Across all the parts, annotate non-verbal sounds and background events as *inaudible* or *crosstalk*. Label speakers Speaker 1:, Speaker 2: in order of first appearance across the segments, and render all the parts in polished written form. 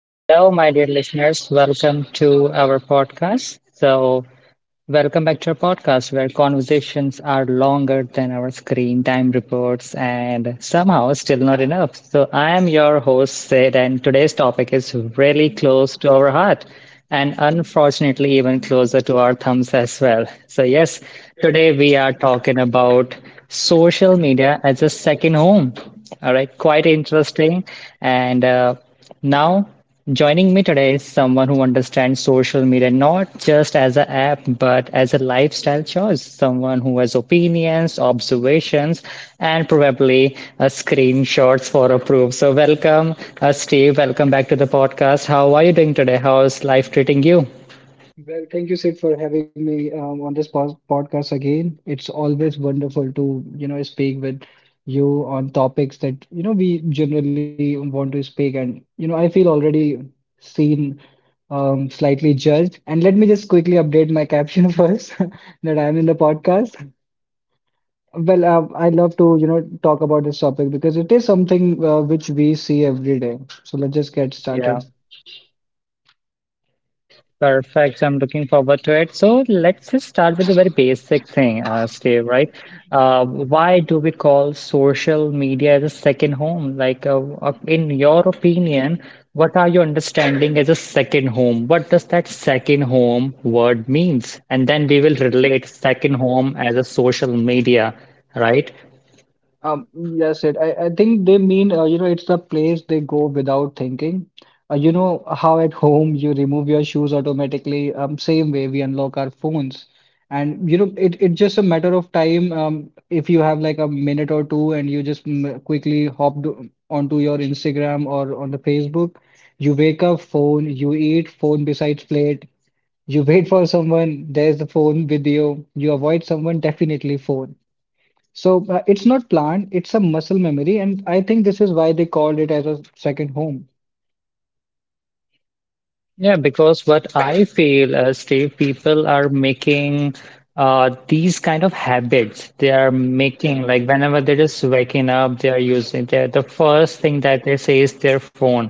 Speaker 1: Hello, my dear listeners. Welcome to our podcast. Welcome back to our podcast where conversations are longer than our screen time reports and somehow still not enough. So, I am your host, Sid, and today's topic is really close to our heart and unfortunately even closer to our thumbs as well. So, yes, today we are talking about social media as a second home. All right, quite interesting. And now, joining me today is someone who understands social media not just as an app, but as a lifestyle choice. Someone who has opinions, observations, and probably screenshots for approve. So, welcome, Steve. Welcome back to the podcast. How are you doing today? How's life treating you?
Speaker 2: Well, thank you, Sid, for having me on this podcast again. It's always wonderful to, you know, speak with you on topics that, you know, we generally want to speak. And, you know, I feel already seen, slightly judged. And let me just quickly update my caption *laughs* first that I'm in the podcast. Well, I love to, you know, talk about this topic because it is something which we see every day. So let's just get started.
Speaker 1: Perfect. I'm looking forward to it. So let's just start with a very basic thing, Steve, right? Why do we call social media as a second home? Like, in your opinion, what are your understanding as a second home? What does that second home word means? And then we will relate second home as a social media, right?
Speaker 2: Um, yes, it. I think they mean, you know, it's the place they go without thinking. You know how at home you remove your shoes automatically. Same way we unlock our phones, and you know, it's just a matter of time. If you have like a minute or two, and you just quickly onto your Instagram or on the Facebook, you wake up, phone, you eat, phone besides plate, you wait for someone, there's the phone video, you avoid someone, definitely phone. So it's not planned, it's a muscle memory, and I think this is why they called it as a second home.
Speaker 1: Yeah, because what I feel, Steve, people are making these kind of habits. They are making like whenever they're just waking up, they are using their the first thing that they say is their phone.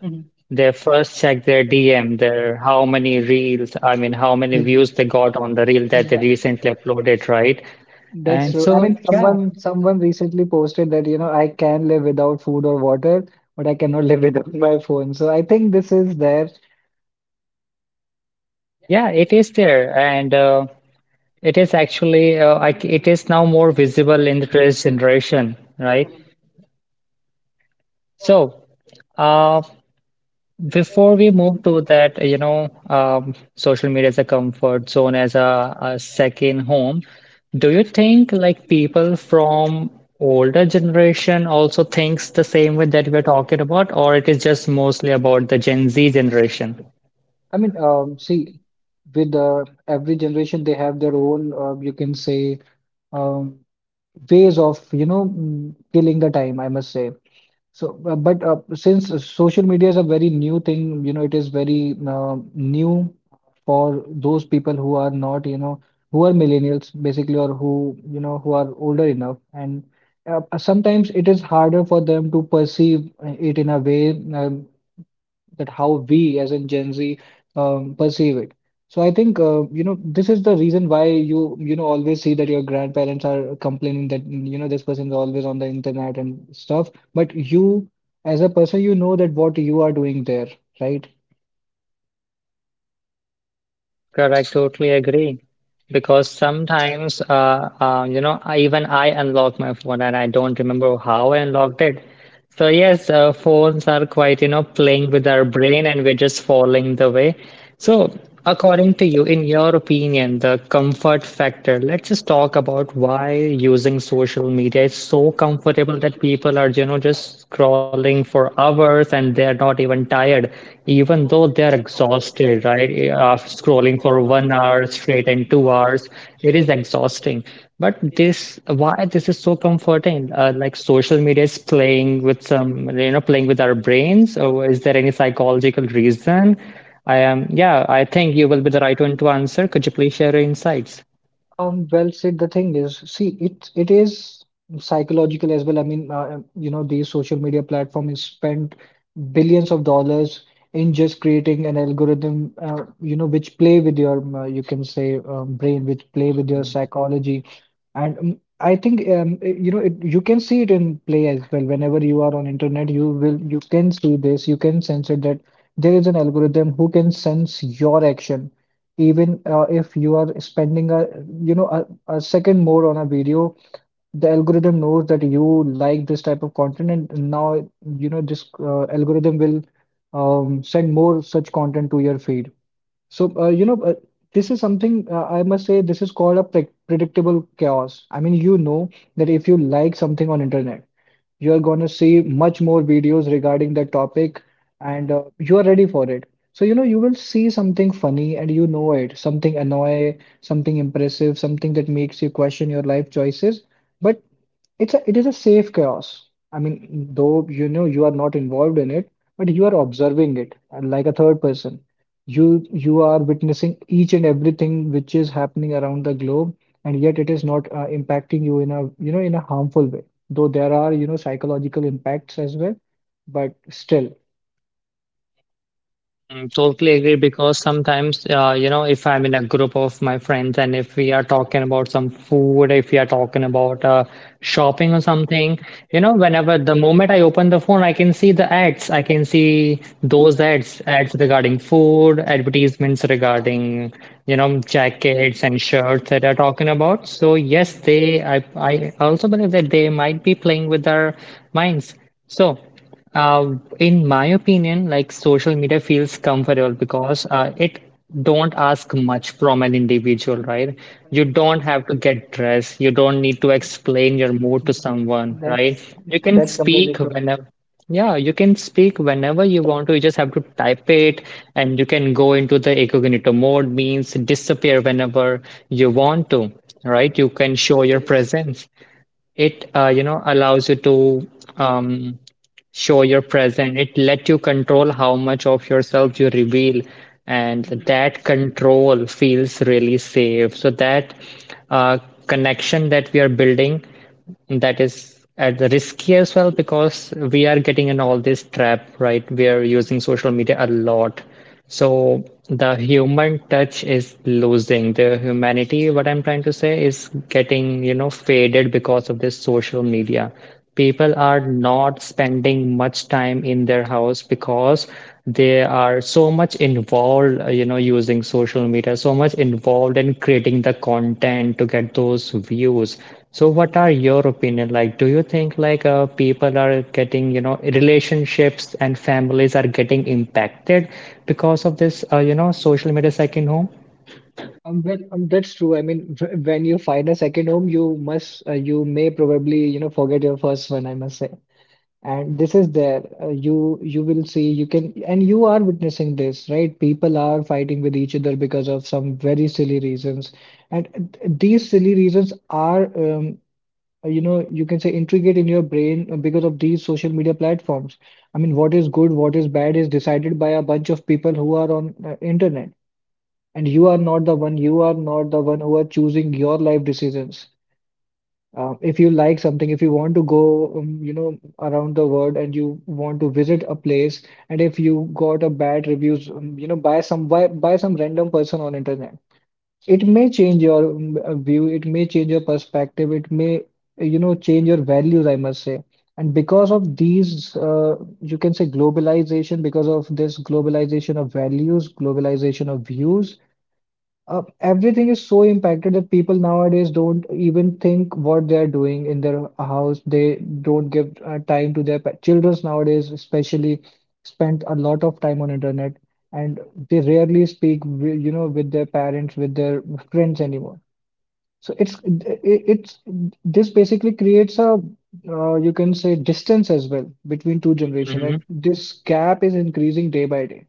Speaker 2: Mhm.
Speaker 1: They first check their DM, their how many reels, I mean, how many
Speaker 2: Maybe.
Speaker 1: views they got on the reel that they
Speaker 2: Yeah.
Speaker 1: recently uploaded, right?
Speaker 2: That's
Speaker 1: And
Speaker 2: true. I
Speaker 1: so,
Speaker 2: mean,
Speaker 1: yeah,
Speaker 2: someone recently posted that, you know, I can live without food or water, but I cannot *laughs* live without my phone. So I think this is there.
Speaker 1: yeah, it is there, and it is actually I c it is now more visible in the today's generation, right? So. Uh, Before we move to that, you know, social media as a comfort zone, as a second home, do you think like people from older generation also thinks the same way that we're talking about, or it is just mostly about the Gen Z generation?
Speaker 2: I mean, see, with every generation, they have their own, you can say, um, ways of, you know, killing the time, I must say. So, but since social media is a very new thing, you know, it is very new for those people who are not, you know, who are millennials basically, or who, you know, who are older enough. And sometimes it is harder for them to perceive it in a way. That how we as in Gen Z perceive it. So I think you know this is the reason why you know always see that your grandparents are complaining that you know this person is always on the internet and stuff. But you as a person you know that what you are doing there, right?
Speaker 1: Correct, totally agree. Because sometimes, you know, even I unlock my phone and I don't remember how I unlocked it. So yes, phones are quite, you know, playing with our brain and we're just falling the way. So according to you, in your opinion, the comfort factor, let's just talk about why using social media is so comfortable that people are, you know, just scrolling for hours and they're not even tired, even though they're exhausted, right? After scrolling for 1 hour straight and 2 hours, it is exhausting. But this, why this is so comforting? Like social media is playing with some, you know, playing with our brains, or is there any psychological reason? Yeah, I think you will be the right one to answer. Could you please share your insights?
Speaker 2: Well said. The thing is, see, it is psychological as well. I mean, you know, these social media platforms spend billions of dollars in just creating an algorithm, you know, which play with your, you can say, brain, which play with your psychology. And I think, you know, it, you can see it in play as well. Whenever you are on internet, you will, you can see this, you can sense it that there is an algorithm who can sense your action even if you are spending a you know a second more on a video, the algorithm knows that you like this type of content, and now you know this algorithm will send more such content to your feed. So, this is something I must say this is called a predictable chaos. I mean, you know that if you like something on internet, you're gonna see much more videos regarding that topic, and you are ready for it. So, you know, you will see something funny and you know it, something annoying, something impressive, something that makes you question your life choices. But it is a safe chaos. I mean, though you know you are not involved in it, but you are observing it like a third person. You are witnessing each and everything which is happening around the globe, and yet it is not impacting you in a you know in a harmful way. Though there are you know psychological impacts as well, but still,
Speaker 1: Mm, totally agree because sometimes, you know, if I'm in a group of my friends and if we are talking about some food, if we are talking about shopping or something, you know, whenever the moment I open the phone, I can see the ads. I can see those ads, ads regarding food, advertisements regarding, you know, jackets and shirts that are talking about. So yes, they, I also believe that they might be playing with our minds. So. In my opinion, like social media feels comfortable because it don't ask much from an individual, right? You don't have to get dressed. You don't need to explain your mood to someone,
Speaker 2: that's
Speaker 1: right? You can
Speaker 2: that's completely
Speaker 1: speak
Speaker 2: true.
Speaker 1: whenever. Yeah, you can speak whenever you want to. You just have to type it, and you can go into the incognito mode, means disappear whenever you want to, right? You can show your presence. You know, allows you to. Um, Show your present. It let you control how much of yourself you reveal, and that control feels really safe. So that uh, connection that we are building, that is at the risky as well because we are getting in all this trap, right? We are using social media a lot. So the human touch is losing. The humanity, what I'm trying to say, is getting, you know, faded because of this social media. People are not spending much time in their house because they are so much involved, you know, using social media so much involved in creating the content to get those views. So what are your opinion, like, do you think like people are getting, you know, relationships and families are getting impacted because of this you know, social media second home?
Speaker 2: That's true. I mean, when you find a second home, you must you may probably you know forget your first one, I must say. And this is there. You will see you can and you are witnessing this, right? People are fighting with each other because of some very silly reasons, and these silly reasons are you know you can say intricate in your brain because of these social media platforms. I mean, what is good, what is bad is decided by a bunch of people who are on internet, and you are not the one. You are not the one who are choosing your life decisions. If you like something, if you want to go, you know, around the world and you want to visit a place, and if you got a bad reviews, you know, by by some random person on internet, it may change your view, it may change your perspective, it may, you know, change your values, I must say. And because of these, you can say globalization, because of this globalization of values, globalization of views, everything is so impacted that people nowadays don't even think what they're doing in their house. They don't give time to their childrens nowadays, especially spend a lot of time on internet, and they rarely speak, you know, with their parents, with their friends anymore. So it's this basically creates a you can say distance as well between two generation,
Speaker 1: Hmm.
Speaker 2: and this gap is increasing day by day,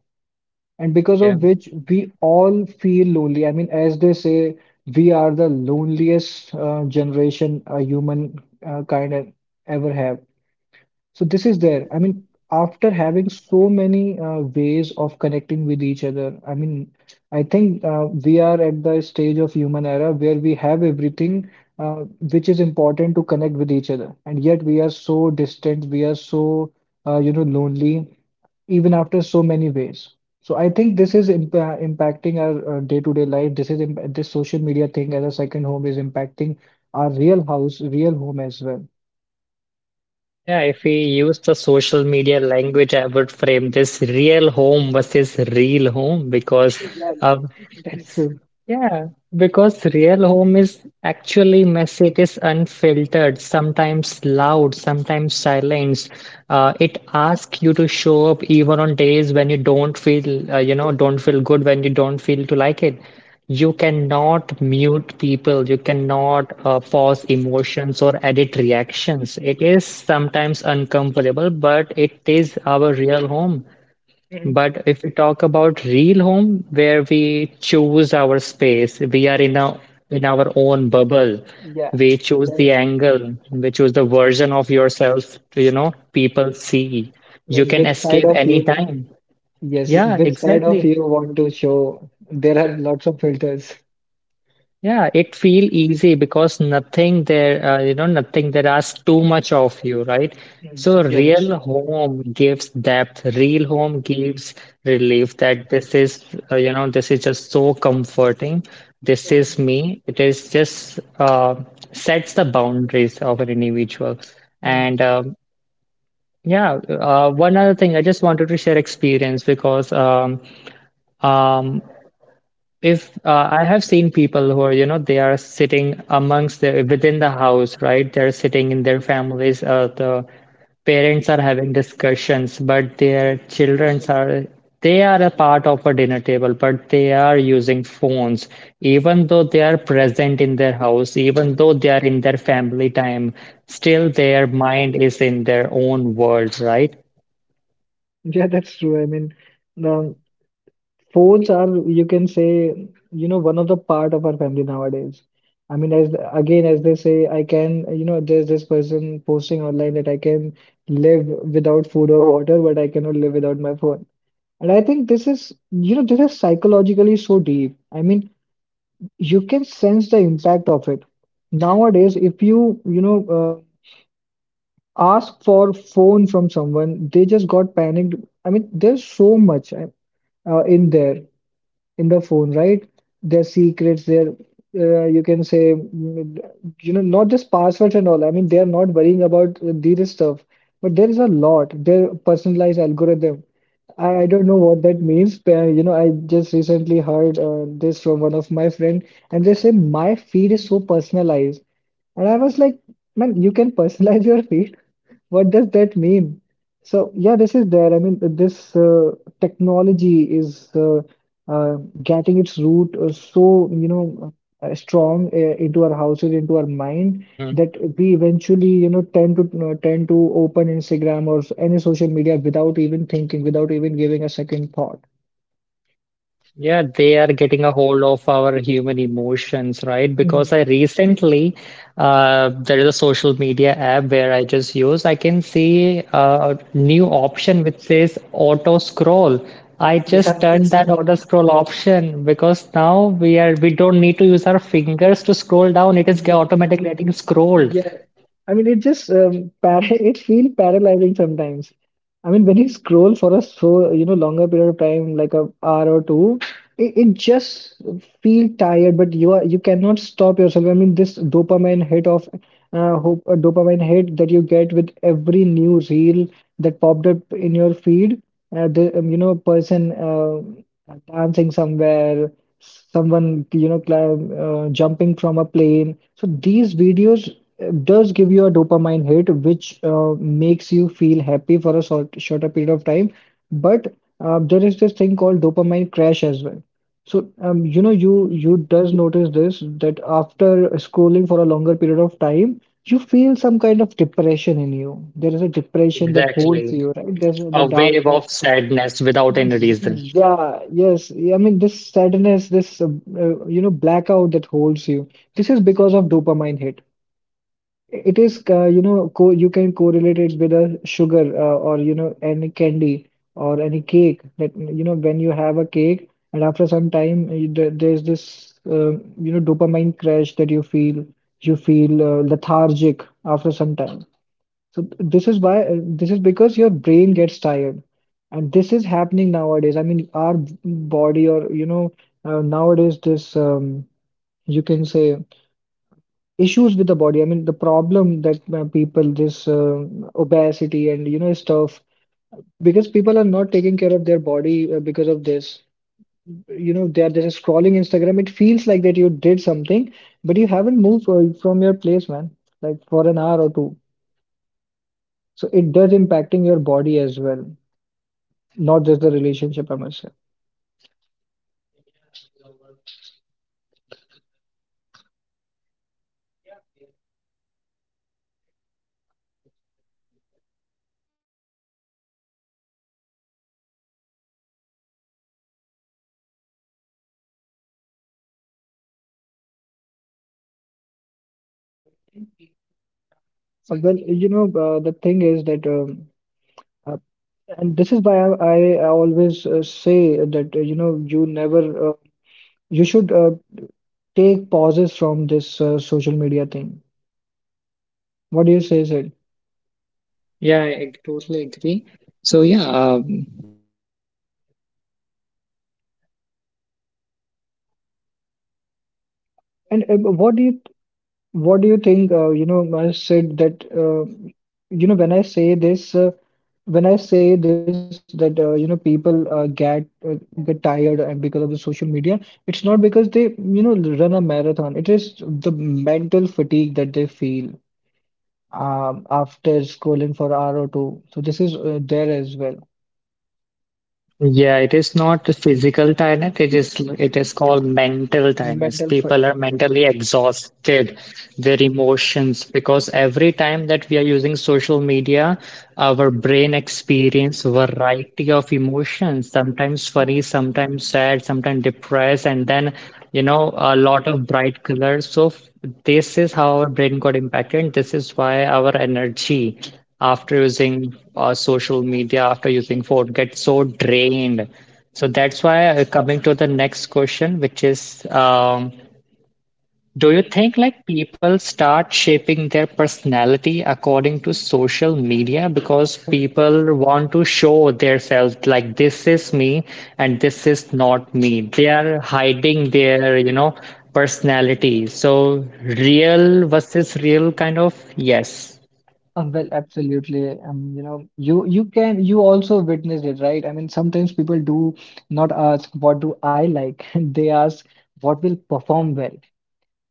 Speaker 2: and because
Speaker 1: Yeah.
Speaker 2: of which we all feel lonely. I mean, as they say, we are the loneliest generation a human kind of ever have. So this is there. I mean, after having so many ways of connecting with each other, I mean, I think we are at the stage of human era where we have everything uh, which is important to connect with each other, and yet we are so distant, we are so you know lonely even after so many ways. So I think this is impacting our day-to-day life. This is imp This social media thing as a second home is impacting our real house, real home as well.
Speaker 1: Yeah, if we use the social media language, I would frame this real home versus real home because of
Speaker 2: That's
Speaker 1: *laughs*
Speaker 2: true.
Speaker 1: yeah, because real home is actually messy. It is unfiltered, sometimes loud, sometimes silent. It asks you to show up even on days when you don't feel, you know, don't feel good, when you don't feel to like it. You cannot mute people. You cannot pause emotions or edit reactions. It is sometimes uncomfortable, but it is our real home.
Speaker 2: Mm.
Speaker 1: But if we talk about real home, where we choose our space, we are in a in our own bubble.
Speaker 2: Yeah.
Speaker 1: We choose
Speaker 2: There-
Speaker 1: the angle, we choose the version of yourself, you know, people see.
Speaker 2: I
Speaker 1: You
Speaker 2: mean,
Speaker 1: can
Speaker 2: which side
Speaker 1: escape
Speaker 2: of you?
Speaker 1: anytime.
Speaker 2: Yes,
Speaker 1: Yeah,
Speaker 2: which side of
Speaker 1: exactly.
Speaker 2: you want to show? There are lots of filters.
Speaker 1: Yeah, it feel easy because nothing there, you know, nothing there asks too much of you, right? So
Speaker 2: Yeah, that's
Speaker 1: real
Speaker 2: true.
Speaker 1: home gives depth, real home gives relief that this is, you know, this is just so comforting. This is me. It is just sets the boundaries of an individual.
Speaker 2: Mm.
Speaker 1: And yeah, one other thing, I just wanted to share experience because um, if I have seen people who are, you know, they are sitting amongst the within the house, right? They're sitting in their families. The parents are having discussions, but their children are they are a part of a dinner table, but they are using phones, even though they are present in their house, even though they are in their family time, still their mind is in their own world, right?
Speaker 2: Yeah, that's true. I mean, now. Phones are, you can say, you know, one of the part of our family nowadays. I mean, as again, as they say, I can, you know, there's this person posting online that I can live without food or water, but I cannot live without my phone. And I think this is, you know, this is psychologically so deep. I mean, you can sense the impact of it. Nowadays, if you, you know, ask for phone from someone, they just got panicked. I mean, there's so much in there in the phone, right? Their secrets, their you can say, you know, not just passwords and all. I mean, they are not worrying about this stuff, but there is a lot. Their personalized algorithm. I don't know what that means. But, you know, I just recently heard this from one of my friend, and they say my feed is so personalized, and I was like, man, you can *laughs* personalize your feed. What does that mean? So yeah, this is there. I mean, this technology is uh, getting its root so you know strong into our houses, into our mind, that we eventually you know tend to tend to open Instagram or any social media without even thinking, without even giving a second thought.
Speaker 1: Yeah, they are getting a hold of our human emotions, right? Because
Speaker 2: Mhm.
Speaker 1: I recently, there is a social media app where I just use. I can see a new option which says auto scroll. I
Speaker 2: Yeah,
Speaker 1: just turned
Speaker 2: that's
Speaker 1: that
Speaker 2: true.
Speaker 1: auto scroll option because now we don't need to use our fingers to scroll down. It is automatically getting scrolled.
Speaker 2: Yeah, I mean, it just para *laughs* it feel paralyzing sometimes. I mean, when you scroll for a so you know longer period of time, like a hour or two, it just feel tired. But you cannot stop yourself. I mean, this dopamine hit of hope a dopamine hit that you get with every new reel that popped up in your feed. The you know person dancing somewhere, someone you know jumping from a plane. So these videos does give you a dopamine hit, which makes you feel happy for a shorter period of time. But there is this thing called dopamine crash as well. So you know, you
Speaker 1: Mhm.
Speaker 2: does notice this that after scrolling for a longer period of time, you feel some kind of depression in you. There is a depression that holds
Speaker 1: Exactly.
Speaker 2: you, right? There's the
Speaker 1: A wave
Speaker 2: darkness.
Speaker 1: of sadness without any reason.
Speaker 2: Yeah, yes. Yeah, I mean, this sadness, this you know, blackout that holds you. This is because of dopamine hit. It is, you know, co you can correlate it with a sugar or, any candy or any cake that, when you have a cake and after some time, there's this, dopamine crash that you feel lethargic after some time. So this is why, this is because your brain gets tired. And this is happening nowadays. I mean, our body or, nowadays this, you can say, issues with the body. I mean, the problem that people, this obesity and, stuff, because people are not taking care of their body because of this. They are just scrolling Instagram. It feels like that you did something, but you haven't moved from your place, man, like for an hour or two. So it does impacting your body as well, not just the relationship, I must say.
Speaker 1: Yeah, it is overall impacting human, you know, the human touch. And yeah, we had a good discussion on this topic. Let's move to something which is really similar. As we are already talking about social media and other things, so do you think people start shaping people? Okay, so do you think people start?
Speaker 2: Well, the thing is that, uh, and this is why I always say that, you never, you should take pauses from this social media thing. What do you say, Sid?
Speaker 1: Yeah, I totally agree. So yeah, the thing that you mentioned, I totally agree on that. Just give me.
Speaker 2: And
Speaker 1: Okay. Can,
Speaker 2: what do you think? Sid, that when I when I say this that people get tired, and because of the social media, it's not because they run a marathon. It is the mental fatigue that they feel after scrolling for hour or two. So this is there as well.
Speaker 1: yeah, it is not the physical tiredness. It is called mental tiredness.
Speaker 2: Mental
Speaker 1: People are
Speaker 2: fatigue.
Speaker 1: mentally exhausted, their emotions, because every time that we are using social media, our brain experience variety of emotions, sometimes
Speaker 2: Yeah.
Speaker 1: funny, sometimes sad, sometimes depressed, and then you know a lot of bright colors. So f- this is how our brain got impacted. This is why our energy. After using social media, after using phone, get so drained. So that's why coming to the next question, which is, do you think like people start shaping their personality according to social media because
Speaker 2: Uh,
Speaker 1: people want to show themselves like this is me and this is not me. They are hiding their, you know, personality. So real versus real kind of yes.
Speaker 2: Well, absolutely. You can you also witnessed it, right? I mean, sometimes people do not ask what do I like. *laughs* They ask what will perform well.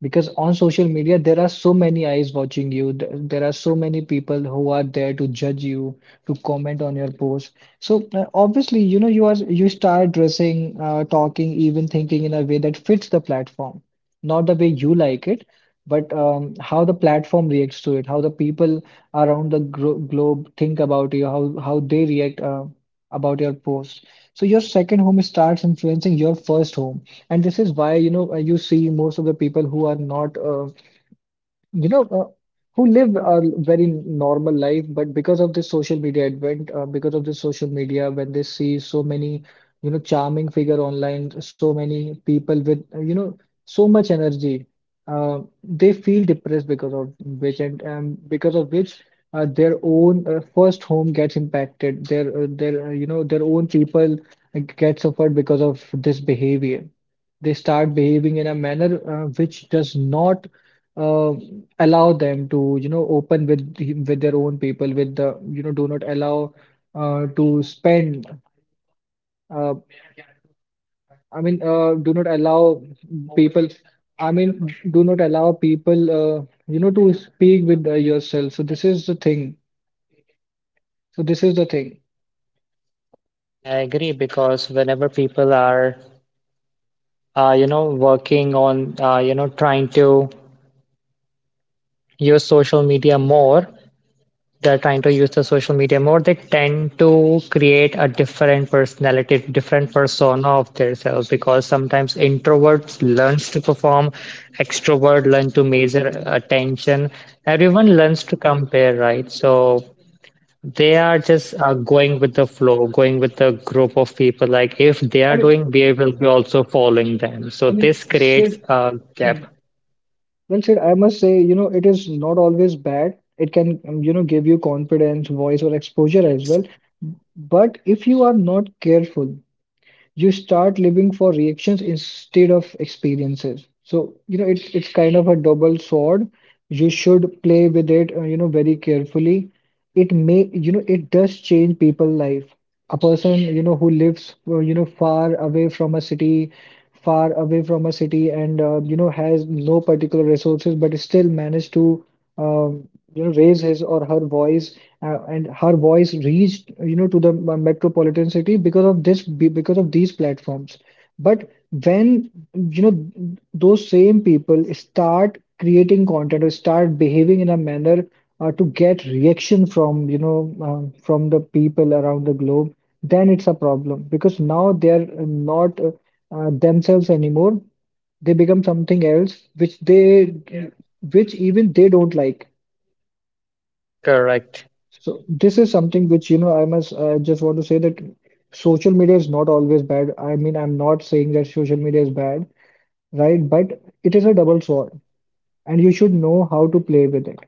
Speaker 2: Because on social media there are so many eyes watching you there are so many people who are there to judge you, to comment on your post. So obviously, you start dressing, talking, even thinking in a way that fits the platform, not the way you like it. But how the platform reacts to it, how the people around the globe think about you, how they react about your post. So your second home starts influencing your first home. And this is why, you see most of the people who are not, you know, uh, who live a very normal life, but because of this social media advent, because of this social media, when they see so many, charming figure online, so many people with, so much energy, they feel depressed because of which, and because of which, their own first home gets impacted. Their own people get suffered because of this behavior. They start behaving in a manner which does not uh, allow them to open with with their own people, with the, do not allow to spend, uh, do not allow people I mean do not allow people, to speak with yourself. So this is the thing.
Speaker 1: Yeah, I agree because whenever people are, you know, working on, you know, trying to use social media more, they're trying to use the social media more, they tend to create a different personality, different persona of themselves because sometimes introverts learns to perform, extrovert learn to measure attention, everyone learns to compare, right? So they are just going with the flow, going with the group of people. Like if they
Speaker 2: I
Speaker 1: are doing,
Speaker 2: mean
Speaker 1: we will be also following them. So
Speaker 2: I mean
Speaker 1: this creates
Speaker 2: should
Speaker 1: a gap.
Speaker 2: Well said, I must say, you know, it is not always bad. It can, give you confidence, voice, or exposure as
Speaker 1: Yes.
Speaker 2: well. But if you are not careful, you start living for reactions instead of experiences. So, it's kind of a double sword. You should play with it, very carefully. It may, it does change people's life. A person, who lives, far away from a city, and has no particular resources, but still managed to um, raise his or her voice, and her voice reached, to the metropolitan city because of because of these platforms. But when, you know those same people start creating content or start behaving in a manner to get reaction from, from the people around the globe, then it's a problem because now they're not themselves anymore. They become something else,
Speaker 1: Yeah.
Speaker 2: yeah, which even they don't like.
Speaker 1: Correct.
Speaker 2: So this is something which, I just want to say that social media is not always bad. I mean, I'm not saying that social media is bad, right? But it is a double
Speaker 1: Yes.
Speaker 2: sword, and you should know how to play with it.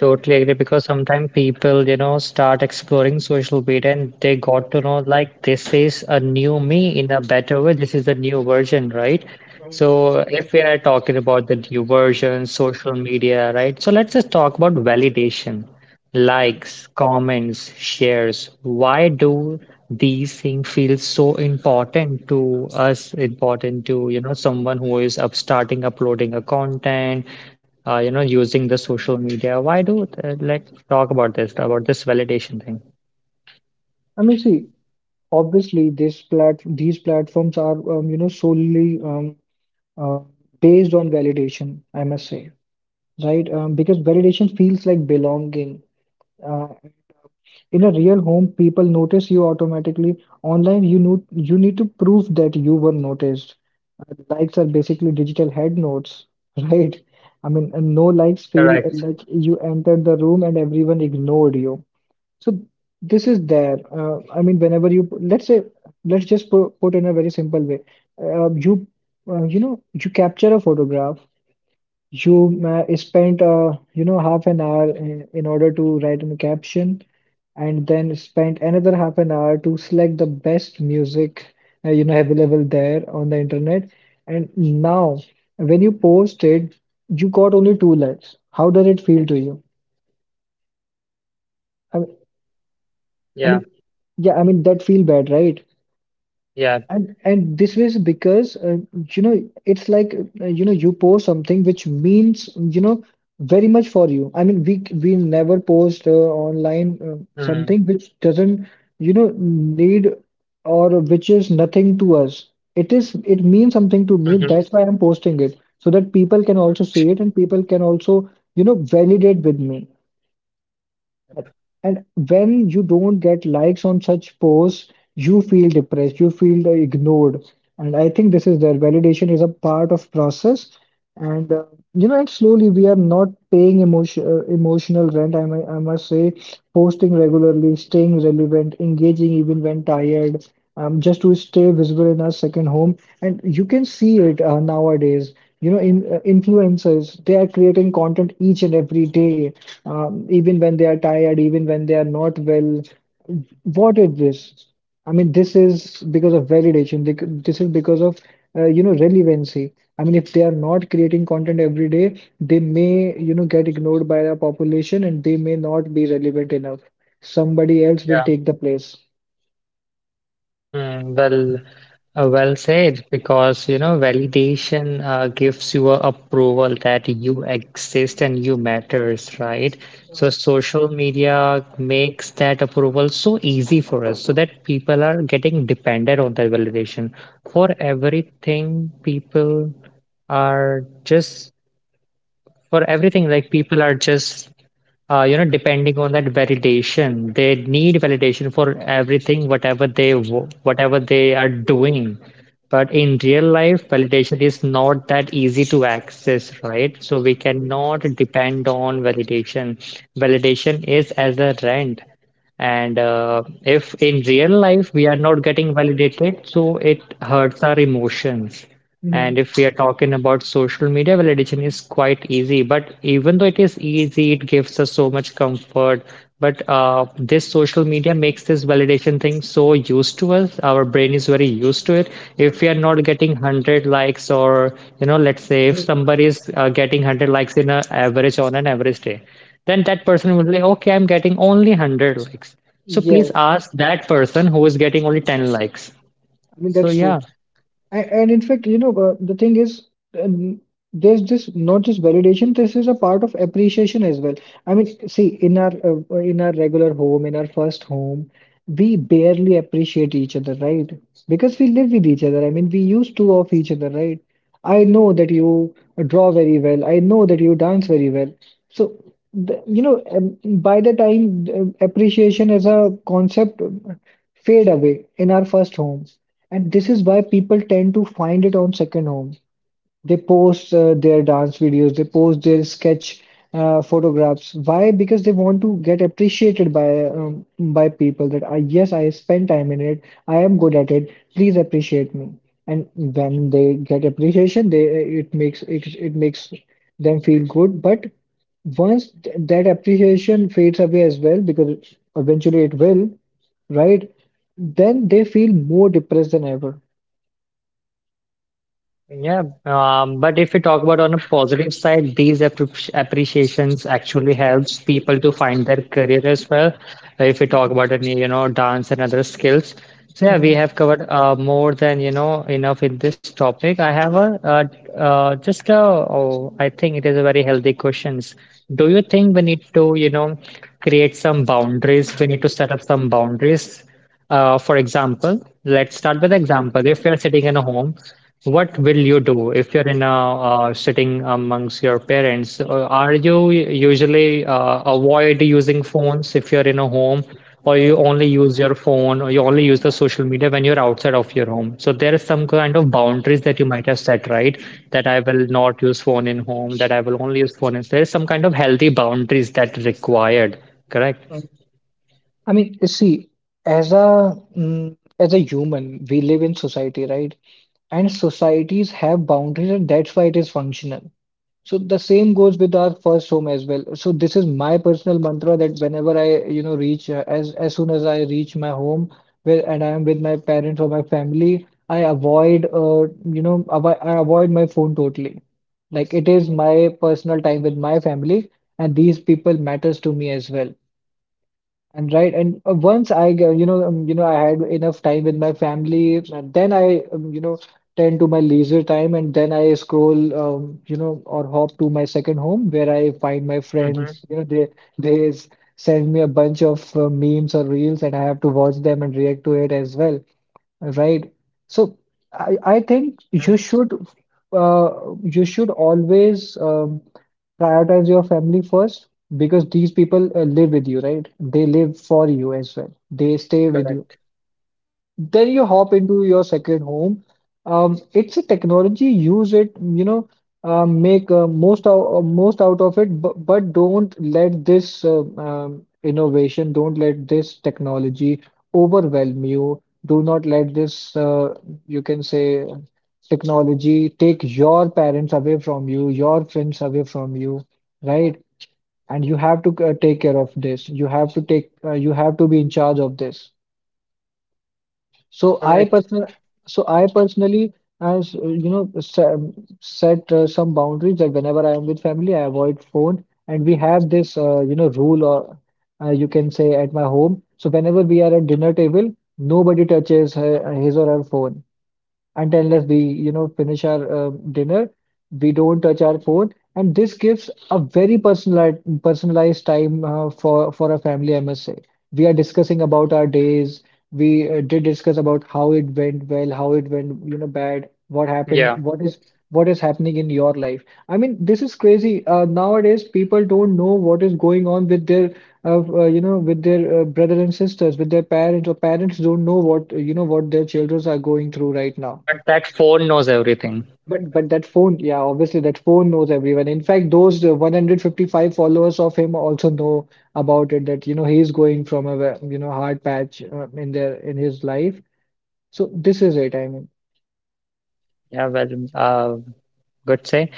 Speaker 1: Totally agree. Because sometimes people, you know, start exploring social media and they got to know like this is a new me in a better way. This is a new version, right? So if we are talking about the new version, social media, right? So let's just talk about validation. Likes, comments, shares, why do these things feel so important to us, important to, you know, someone who is up starting uploading a content, you know, using the social media? Why do, let's talk about this validation thing.
Speaker 2: I mean, see, obviously, these platforms are, solely, uh, based on validation, I must say, right? Because validation feels like belonging and, uh, in a real home people notice you automatically. Online you need to prove that you were noticed. Likes are
Speaker 1: Yeah,
Speaker 2: basically digital head notes *laughs* right? I mean, and no likes feel
Speaker 1: correct.
Speaker 2: like you entered the room and everyone ignored you. So this is there. I mean, whenever you, let's say, let's just put in a very simple way. uh, you uh, you know you capture a photograph. You ma spent, half an hour in order to write in a caption, and then spent another half an hour to select the best music, available there on the internet. And now, when you post it, you got only two likes. How does it feel to you? I mean, I
Speaker 1: Yeah,
Speaker 2: mean, yeah, I mean that feel bad, right?
Speaker 1: yeah.
Speaker 2: And this was because it's like you post something which means very much for you. I mean we never post online
Speaker 1: Mm,
Speaker 2: something which doesn't need, or which is nothing to us. It means something to me.
Speaker 1: mhm,
Speaker 2: That's why I'm posting it so that people can also
Speaker 1: correct,
Speaker 2: see it, and people can also validate with me.
Speaker 1: correct.
Speaker 2: And when you don't get likes on such posts, you feel depressed, you feel ignored. And I think this is their validation is a part of process. And and slowly we are not paying emotional rent. I must say, posting regularly, staying relevant, engaging even when tired, just to stay visible in our second home. And you can see it nowadays. In influencers, they are creating content each and every day, even when they are tired, even when they are not well. What is this? I mean, this is because of validation. This is because of relevancy. I mean, if they are not creating content every day, they may get ignored by the population, and they may not be relevant enough. Somebody else will
Speaker 1: Yeah.
Speaker 2: take the place.
Speaker 1: Mm, well, well said, because you know, validation gives you a approval that you exist and you matters, right? So social media makes that approval so easy for us, so that people are getting dependent on that validation for everything. Are just people are just you know, depending on that validation. They need validation for everything, whatever they are doing. But in real life, validation is not that easy to access, right? So we cannot depend on validation. Validation is as a rent. And if in real life we are not getting validated, so it hurts our emotions.
Speaker 2: Mhm.
Speaker 1: And if we are talking about social media, validation is quite easy. But even though it is easy, it gives us so much comfort. But this social media makes this validation thing so used to us. Our brain is very used to it. If we are not getting 100 likes, or you know, let's say if somebody is getting 100 likes in an average on an average day, then that person will say, okay, I'm getting only 100 likes. So please
Speaker 2: Yes,
Speaker 1: ask that person who is getting only 10 likes.
Speaker 2: I mean
Speaker 1: So
Speaker 2: that's true.
Speaker 1: yeah.
Speaker 2: And, in fact, the thing is, um, there's this not just validation, this is a part of appreciation as well. I mean, see, in our regular home in our first home, we barely appreciate each other, right? Because we live with each other. I mean, we used to of each other, right? I know that you draw very well, I know that you dance very well. So the, you know by the time, appreciation as a concept, fade away in our first homes. And this is why people tend to find it on second home. They post their dance videos, they post their sketch photographs. Why? Because they want to get appreciated by people that yes, I spend time in it, I am good at it. Please appreciate me. And when they get appreciation, they it it makes them feel good. But once that appreciation fades away as well, because eventually it will, right? Then they feel more depressed than ever.
Speaker 1: Yeah, but if we talk about on a positive side, these appreciations actually helps people to find their career as well. If we talk about any, you know, dance and other skills. So yeah, we
Speaker 2: Mhm.
Speaker 1: have covered more than, you know, enough in this topic. I have a just a, oh, I think it is a very healthy questions. Do you think we need to, you know, create some boundaries? We need to set up some boundaries for example, let's start with example. If you're sitting in a home, what will you do if you're in a sitting amongst your parents? Are you usually avoid using phones if you're in a home, or you only use your phone, or you only use the social media when you're outside of your home? So there is some kind of boundaries that you might have set, right? That I will not use phone in home, that I will only use phone. There is some kind of healthy boundaries that required, correct?
Speaker 2: I mean, see, as a human, we live in society, right? And societies have boundaries, and that's why it is functional. So the same goes with our first home as well. So this is my personal mantra that whenever I, you know, reach as soon as I reach my home, where and I am with my parents or my family, I avoid, you know, avo I avoid my phone totally. Like, it is my personal time with my family, and these people matters to me as well. And right, and once I, g- you know, I had enough time with my family, and then I, tend to my leisure time, and then I scroll, or hop to my second home where I find my
Speaker 1: Mm-hmm.
Speaker 2: friends. You know, they send me a bunch of memes or reels, and I have to watch them and react to it as well. Right. So I think
Speaker 1: Mm-hmm.
Speaker 2: uh, you should always prioritize your family first, because these people live with you, right? They live for you as well. They stay with you.
Speaker 1: Correct.
Speaker 2: Then you hop into your second home. It's a technology, use it, make most out of it, but don't let this, don't let this technology overwhelm you. Do not let this, you can say, technology take your parents away from you, your friends away from you, right? And you have to take care
Speaker 1: Yeah.
Speaker 2: of this. You have to you have to be in charge of this. So I
Speaker 1: Correct.
Speaker 2: personal, so I personally, as set some boundaries, that whenever I am with family, I avoid phone, and we have this, rule or, you can say, at my home. So whenever we are at dinner table, nobody touches his or her phone. And unless we finish our dinner, we don't touch our phone. And this gives a very personalized time for a family, I must say. We are discussing about our days. We did discuss about how it went well, how it went bad, what
Speaker 1: Yeah,
Speaker 2: happened, what is happening in your life. I mean, this is crazy. Nowadays, people don't know what is going on with their you know with their brother and sisters, with their parents. Or parents don't know what you know what their children are going through right now.
Speaker 1: but that phone knows everything.
Speaker 2: But that phone, yeah, obviously that phone knows everyone. In fact, those 155 followers of him also know about it, that he's going from a hard patch in their in his life. So this is it. I mean,
Speaker 1: Yeah, well, uh, good say.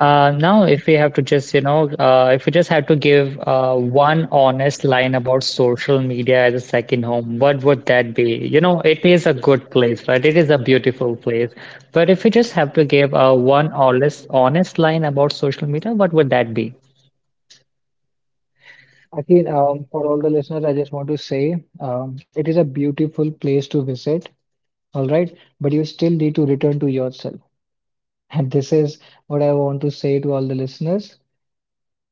Speaker 1: Now, if we have to just, you know, if we just had to give one honest line about social media as a second home, what would that be? You know, it is a good place, right? It is a beautiful place. But if we just have to give one honest, honest line about social media, what would that be?
Speaker 2: again, for all the listeners, I just want to say it is a beautiful place to visit. All right, but you still need to return to yourself, and this is what I want to say to all the listeners.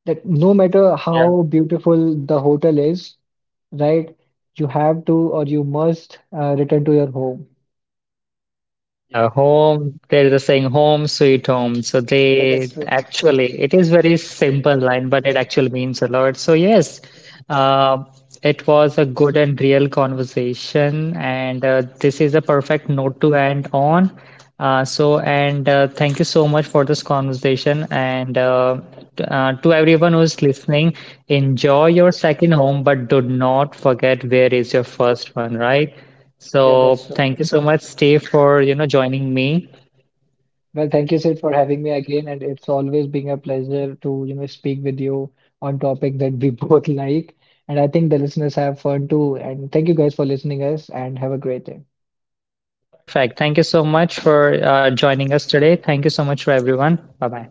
Speaker 2: Like, no matter how beautiful the hotel is, right? You have to, or you must return to your home.
Speaker 1: Yeah, home, there's a saying home sweet home. So
Speaker 2: Yeah,
Speaker 1: they
Speaker 2: that's true.
Speaker 1: actually, it is very simple line, but it actually means a lot. So yes, uh, it was a good and real conversation, and this is a perfect note to end on. So and thank you so much for this conversation, and to everyone who's listening, enjoy your second home, but do not forget where is your first one, right?
Speaker 2: Yeah,
Speaker 1: So
Speaker 2: that's true.
Speaker 1: thank you so much, Steve, for you know joining me.
Speaker 2: Well, thank you, Sid, for having me again, and it's always been a pleasure to, speak with you on topic that we *laughs* both like. And I think the listeners have fun too. And thank you guys for listening us and have a great day.
Speaker 1: Perfect. Thank you so much for joining us today. Thank you so much for everyone. Bye bye.